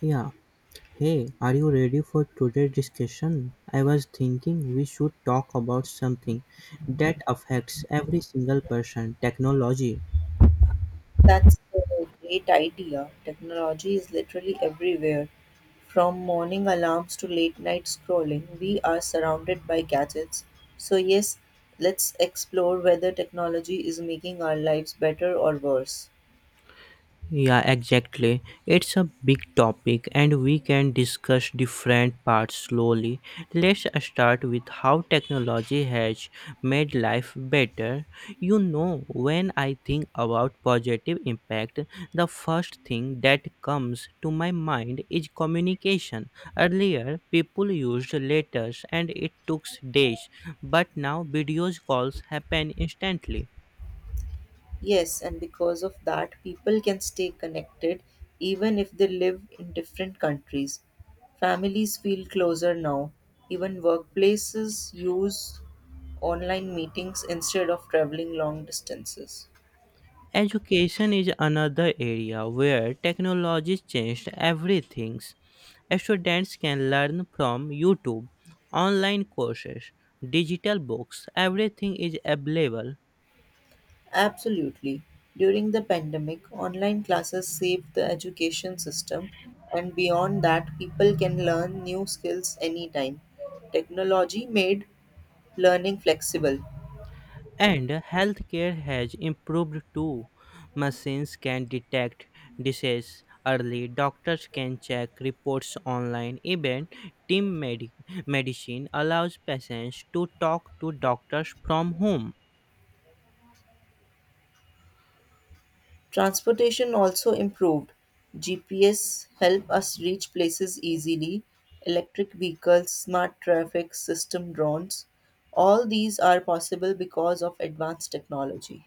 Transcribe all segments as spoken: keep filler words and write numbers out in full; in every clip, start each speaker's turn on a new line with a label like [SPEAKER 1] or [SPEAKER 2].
[SPEAKER 1] Yeah. Hey, are you ready for today's discussion? I was thinking we should talk about something that affects every single person technology.
[SPEAKER 2] That's a great idea. Technology is literally everywhere. From morning alarms to late night scrolling, we are surrounded by gadgets. So, yes, let's explore whether technology is making our lives better or worse.
[SPEAKER 1] Yeah, exactly. It's a big topic and we can discuss different parts slowly. Let's start with how technology has made life better. You know, when I think about positive impact, the first thing that comes to my mind is communication. Earlier, people used letters and it took days, but now videos calls happen instantly.
[SPEAKER 2] Yes, and because of that, people can stay connected even if they live in different countries. Families feel closer now. Even workplaces use online meetings instead of traveling long distances.
[SPEAKER 1] Education is another area where technology changed everything. Students can learn from YouTube, online courses, digital books, everything is available.
[SPEAKER 2] Absolutely. During the pandemic, online classes saved the education system, and beyond that, people can learn new skills anytime. Technology made learning flexible.
[SPEAKER 1] And healthcare has improved too. Machines can detect disease early, doctors can check reports online, even team medi- medicine allows patients to talk to doctors from home.
[SPEAKER 2] Transportation also improved. G P S help us reach places easily. Electric vehicles, smart traffic system, drones. All these are possible because of advanced technology.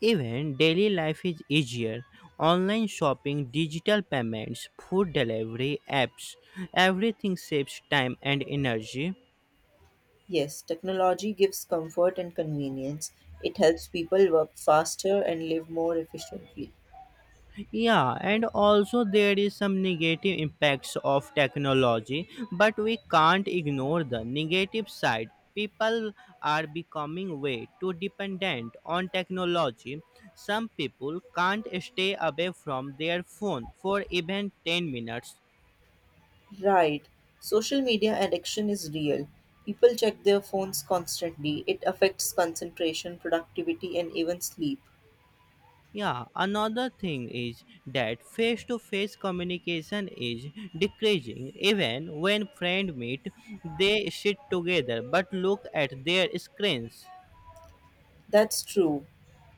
[SPEAKER 1] Even daily life is easier. Online shopping, digital payments, food delivery apps, everything saves time and energy.
[SPEAKER 2] Yes, technology gives comfort and convenience. It helps people work faster and live more efficiently.
[SPEAKER 1] Yeah, and also there is some negative impacts of technology, but we can't ignore the negative side. People are becoming way too dependent on technology. Some people can't stay away from their phone for even ten minutes.
[SPEAKER 2] Right. Social media addiction is real. People check their phones constantly. It affects concentration, productivity, and even sleep.
[SPEAKER 1] Yeah, another thing is that face to face communication is decreasing. Even when friends meet, they sit together but look at their screens.
[SPEAKER 2] That's true.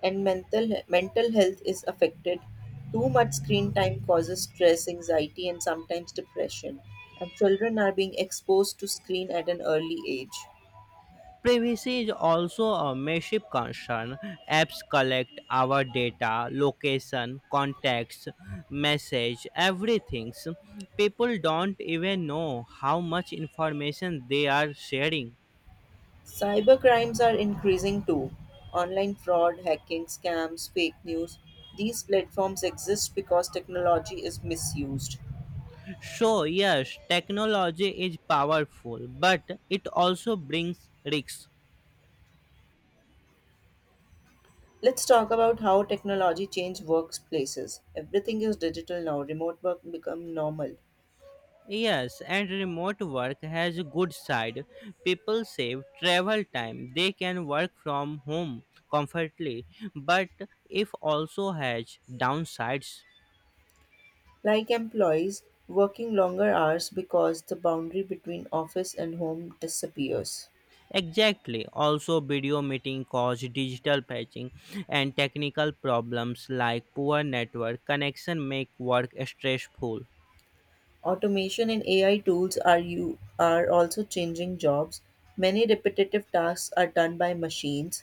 [SPEAKER 2] And mental mental health is affected. Too much screen time causes stress, anxiety, and sometimes depression. And children are being exposed to screen at an early age.
[SPEAKER 1] Privacy is also a massive concern. Apps collect our data, location, contacts, message, everything. People don't even know how much information they are sharing.
[SPEAKER 2] Cybercrimes are increasing too. Online fraud, hacking, scams, fake news. These platforms exist because technology is misused.
[SPEAKER 1] So, yes, technology is powerful, but it also brings risks.
[SPEAKER 2] Let's talk about how technology changed workplaces. Everything is digital now. Remote work become normal.
[SPEAKER 1] Yes, and remote work has a good side. People save travel time. They can work from home comfortably, but it also has downsides.
[SPEAKER 2] Like employees working longer hours because the boundary between office and home disappears.
[SPEAKER 1] Exactly. Also, video meeting cause digital patching and technical problems like poor network connection make work stressful.
[SPEAKER 2] Automation and A I tools are you are also changing jobs. Many repetitive tasks are done by machines.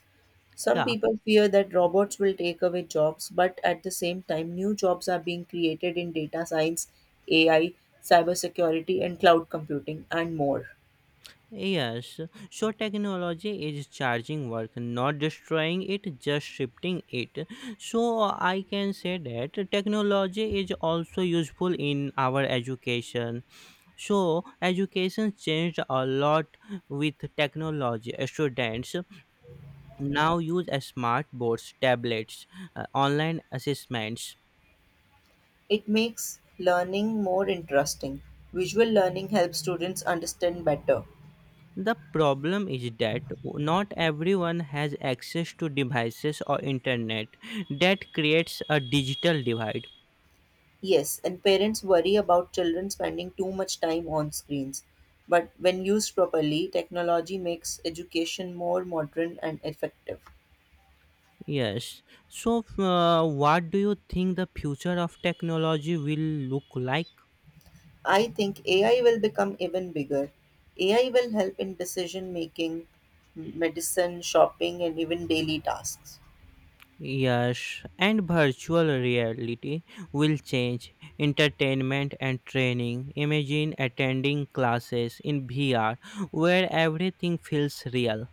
[SPEAKER 2] Some
[SPEAKER 1] Yeah.
[SPEAKER 2] people fear that robots will take away jobs, but at the same time, new jobs are being created in data science, A I, cybersecurity, and cloud computing, and more.
[SPEAKER 1] Yes, so technology is charging work, not destroying it, just shifting it. So I can say that technology is also useful in our education. So education changed a lot with technology. Students now use smartboards, tablets, uh, online assessments.
[SPEAKER 2] It makes learning more interesting. Visual learning helps students understand better.
[SPEAKER 1] The problem is that not everyone has access to devices or internet. That creates a digital divide.
[SPEAKER 2] Yes, and parents worry about children spending too much time on screens. But when used properly, technology makes education more modern and effective.
[SPEAKER 1] Yes. So, uh, what do you think the future of technology will look like?
[SPEAKER 2] I think A I will become even bigger. A I will help in decision making, medicine, shopping, and even daily tasks.
[SPEAKER 1] Yes, and virtual reality will change entertainment and training. Imagine attending classes in V R where everything feels real.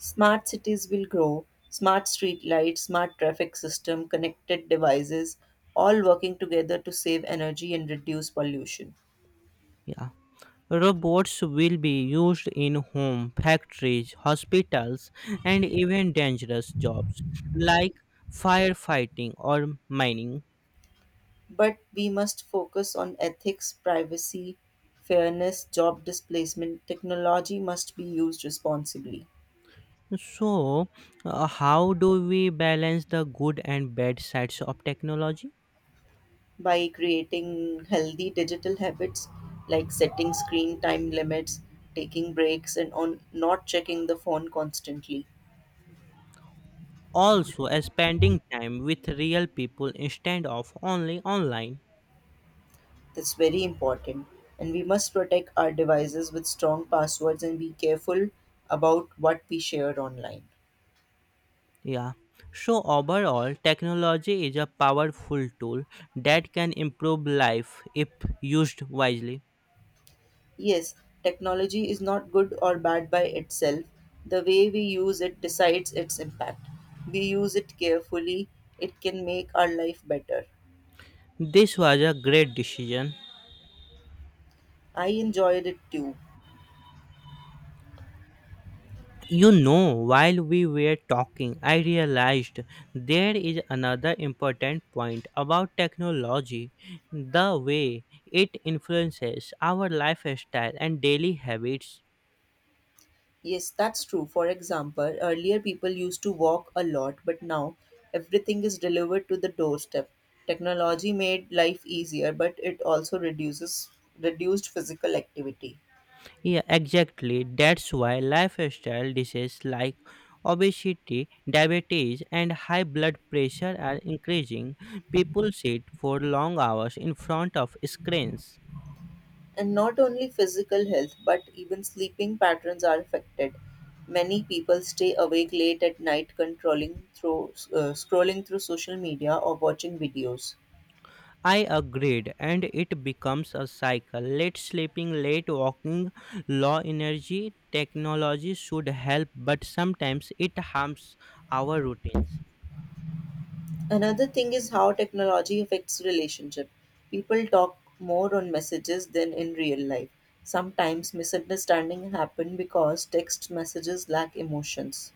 [SPEAKER 2] Smart cities will grow, smart street lights, smart traffic system, connected devices, all working together to save energy and reduce pollution.
[SPEAKER 1] Yeah. Robots will be used in home, factories, hospitals, and even dangerous jobs like firefighting or mining.
[SPEAKER 2] But we must focus on ethics, privacy, fairness, job displacement. Technology must be used responsibly.
[SPEAKER 1] So, uh, how do we balance the good and bad sides of technology?
[SPEAKER 2] By creating healthy digital habits like setting screen time limits, taking breaks, and on not checking the phone constantly.
[SPEAKER 1] Also, uh, spending time with real people instead of only online.
[SPEAKER 2] That's very important. And we must protect our devices with strong passwords and be careful about what we share online.
[SPEAKER 1] Yeah. So, overall, technology is a powerful tool that can improve life if used wisely.
[SPEAKER 2] Yes, technology is not good or bad by itself. The way we use it decides its impact. We use it carefully, it can make our life better.
[SPEAKER 1] This was a great decision.
[SPEAKER 2] I enjoyed it too.
[SPEAKER 1] You know, while we were talking, I realized there is another important point about technology the way it influences our lifestyle and daily habits.
[SPEAKER 2] Yes, that's true. For example, earlier people used to walk a lot, but now everything is delivered to the doorstep. Technology made life easier, but it also reduces reduced physical activity.
[SPEAKER 1] Yeah, exactly. That's why lifestyle diseases like obesity, diabetes, and high blood pressure are increasing. People sit for long hours in front of screens.
[SPEAKER 2] And not only physical health, but even sleeping patterns are affected. Many people stay awake late at night, controlling through uh, scrolling through social media or watching videos.
[SPEAKER 1] I agreed, and it becomes a cycle. Late sleeping, late walking, low energy. Technology should help, but sometimes it harms our routines.
[SPEAKER 2] Another thing is how technology affects relationship. People talk more on messages than in real life. Sometimes misunderstanding happen because text messages lack emotions.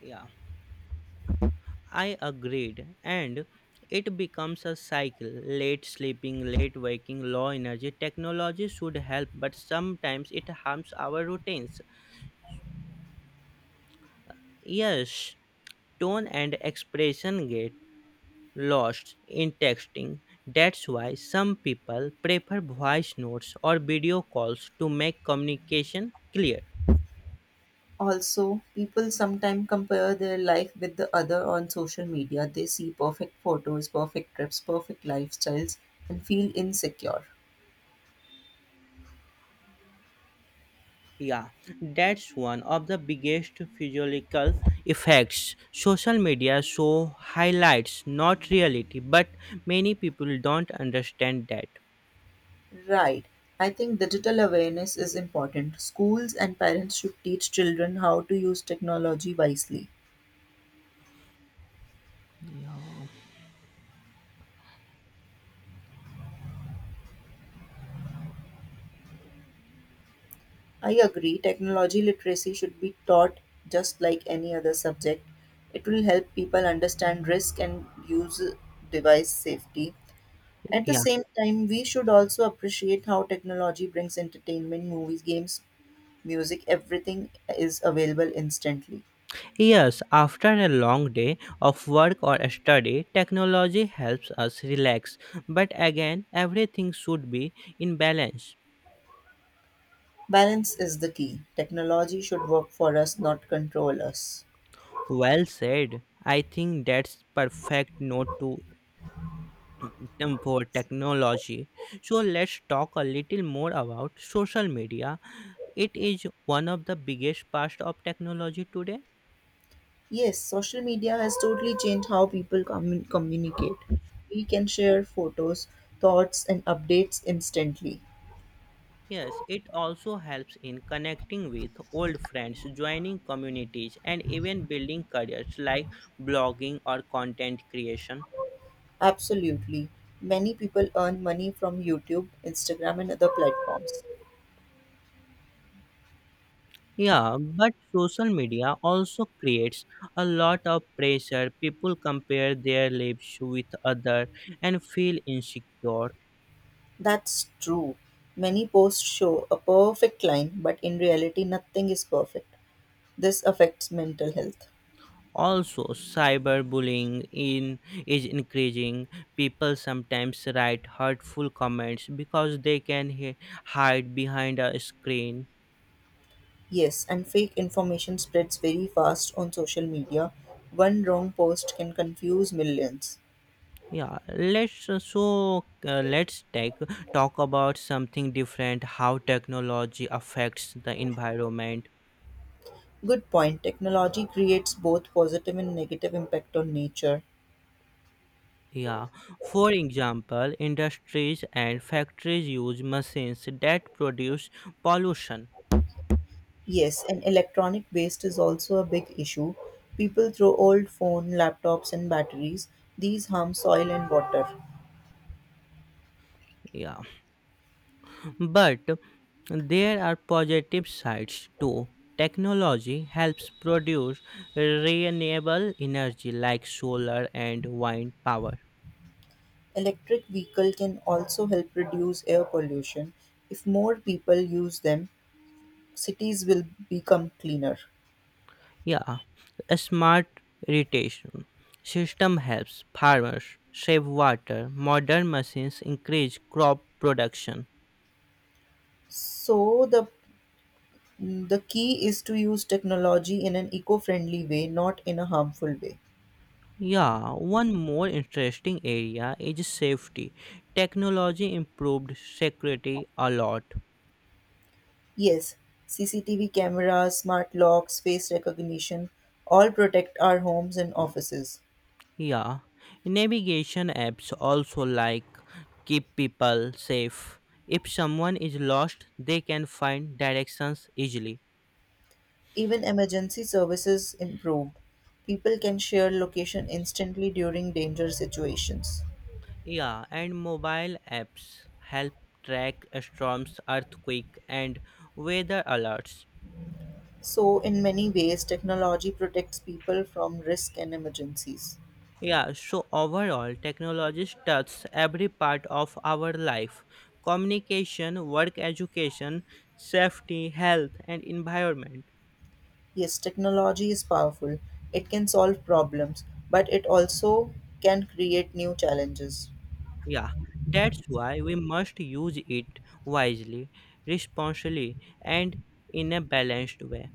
[SPEAKER 1] Yeah, I agreed, and it becomes a cycle. Late sleeping, late waking, low energy. Technology should help, but sometimes it harms our routines. Yes, tone and expression get lost in texting. That's why some people prefer voice notes or video calls to make communication clear.
[SPEAKER 2] Also, people sometimes compare their life with the other on social media. They see perfect photos, perfect trips, perfect lifestyles, and feel insecure.
[SPEAKER 1] Yeah, that's one of the biggest physiological effects. Social media so highlights not reality, but many people don't understand that.
[SPEAKER 2] Right. I think digital awareness is important. Schools and parents should teach children how to use technology wisely. I agree, technology literacy should be taught just like any other subject. It will help people understand risk and use device safety. At the
[SPEAKER 1] Yeah.
[SPEAKER 2] same time, we should also appreciate how technology brings entertainment, movies, games, music, everything is available instantly.
[SPEAKER 1] Yes, after a long day of work or study, technology helps us relax. But again, everything should be in balance.
[SPEAKER 2] Balance is the key. Technology should work for us, not control us.
[SPEAKER 1] Well said. I think that's perfect note to item for technology. So let's talk a little more about social media. It is one of the biggest parts of technology today.
[SPEAKER 2] Yes, social media has totally changed how people commun- communicate. We can share photos, thoughts, and updates instantly.
[SPEAKER 1] Yes, it also helps in connecting with old friends, joining communities, and even building careers like blogging or content creation.
[SPEAKER 2] Absolutely. Many people earn money from YouTube, Instagram, and other platforms.
[SPEAKER 1] Yeah, but social media also creates a lot of pressure. People compare their lives with other and feel insecure.
[SPEAKER 2] That's true. Many posts show a perfect line, but in reality, nothing is perfect. This affects mental health.
[SPEAKER 1] Also, cyberbullying in is increasing. People sometimes write hurtful comments because they can hi- hide behind a screen.
[SPEAKER 2] Yes, and fake information spreads very fast on social media. One wrong post can confuse millions.
[SPEAKER 1] Yeah, let's uh, so uh, let's take talk about something different. How technology affects the environment.
[SPEAKER 2] Good point. Technology creates both positive and negative impact on nature.
[SPEAKER 1] Yeah, for example, industries and factories use machines that produce pollution.
[SPEAKER 2] Yes, and electronic waste is also a big issue. People throw old phone, laptops and batteries. These harm soil and water.
[SPEAKER 1] Yeah, but there are positive sides too. Technology helps produce renewable energy like solar and wind power.
[SPEAKER 2] Electric vehicle can also help reduce air pollution. If more people use them, cities will become cleaner.
[SPEAKER 1] Yeah, a smart irrigation system helps farmers save water. Modern machines increase crop production.
[SPEAKER 2] So the the key is to use technology in an eco-friendly way, not in a harmful way.
[SPEAKER 1] Yeah, one more interesting area is safety. Technology improved security a lot.
[SPEAKER 2] Yes, C C T V cameras, smart locks, face recognition all protect our homes and offices.
[SPEAKER 1] Yeah, navigation apps also like keep people safe. If someone is lost, they can find directions easily.
[SPEAKER 2] Even emergency services improved. People can share location instantly during danger situations.
[SPEAKER 1] Yeah, and mobile apps help track storms, earthquake, and weather alerts.
[SPEAKER 2] So, in many ways, technology protects people from risk and emergencies.
[SPEAKER 1] Yeah, so overall, technology touches every part of our life communication, work, education, safety, health, and environment.
[SPEAKER 2] Yes, technology is powerful. It can solve problems, but it also can create new challenges.
[SPEAKER 1] Yeah, that's why we must use it wisely, responsibly, and in a balanced way.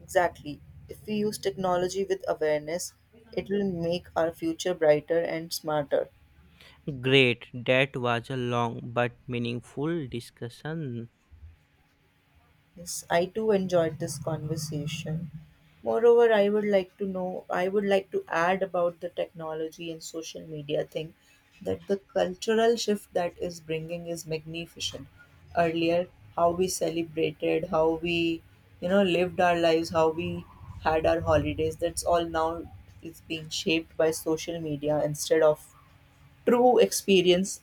[SPEAKER 2] Exactly. If we use technology with awareness, it will make our future brighter and smarter.
[SPEAKER 1] Great, that was a long but meaningful discussion.
[SPEAKER 2] Yes, I too enjoyed this conversation. Moreover, I would like to know, I would like to add about the technology and social media thing that the cultural shift that is bringing is magnificent. Earlier, how we celebrated, how we, you know, lived our lives, how we had our holidays, that's all now is being shaped by social media instead of true experience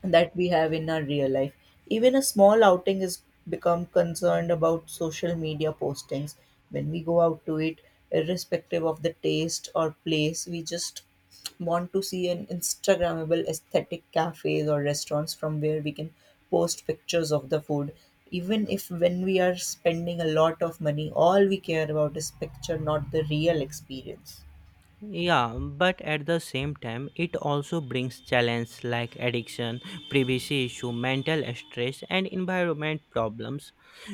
[SPEAKER 2] that we have in our real life. Even a small outing is become concerned about social media postings. When we go out to eat, irrespective of the taste or place, we just want to see an Instagrammable aesthetic cafes or restaurants from where we can post pictures of the food. Even if when we are spending a lot of money, all we care about is picture, not the real experience.
[SPEAKER 1] Yeah, but at the same time, it also brings challenges like addiction, privacy issue, mental stress, and environment problems.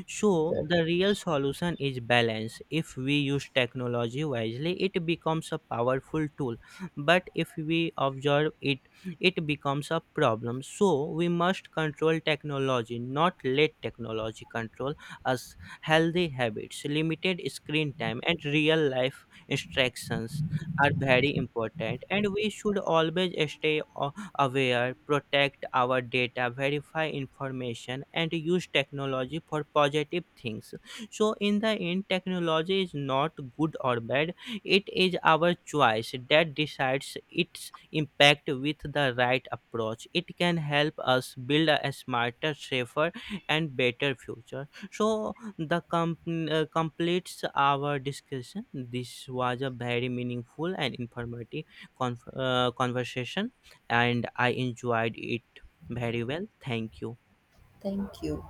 [SPEAKER 1] So,
[SPEAKER 2] Exactly.
[SPEAKER 1] the real solution is balance. If we use technology wisely, it becomes a powerful tool, but if we observe it, it becomes a problem. So, we must control technology, not let technology control us. Healthy habits, limited screen time, and real life instructions are very important and we should always stay a- aware, protect our data, verify information, and use technology for positive things. So in the end, technology is not good or bad. It is our choice that decides its impact. With the right approach it can help us build a smarter, safer, and better future. So the com- uh, completes our discussion. This was a very meaningful and informative conf- uh, conversation, and I enjoyed it very well. Thank you.
[SPEAKER 2] Thank you.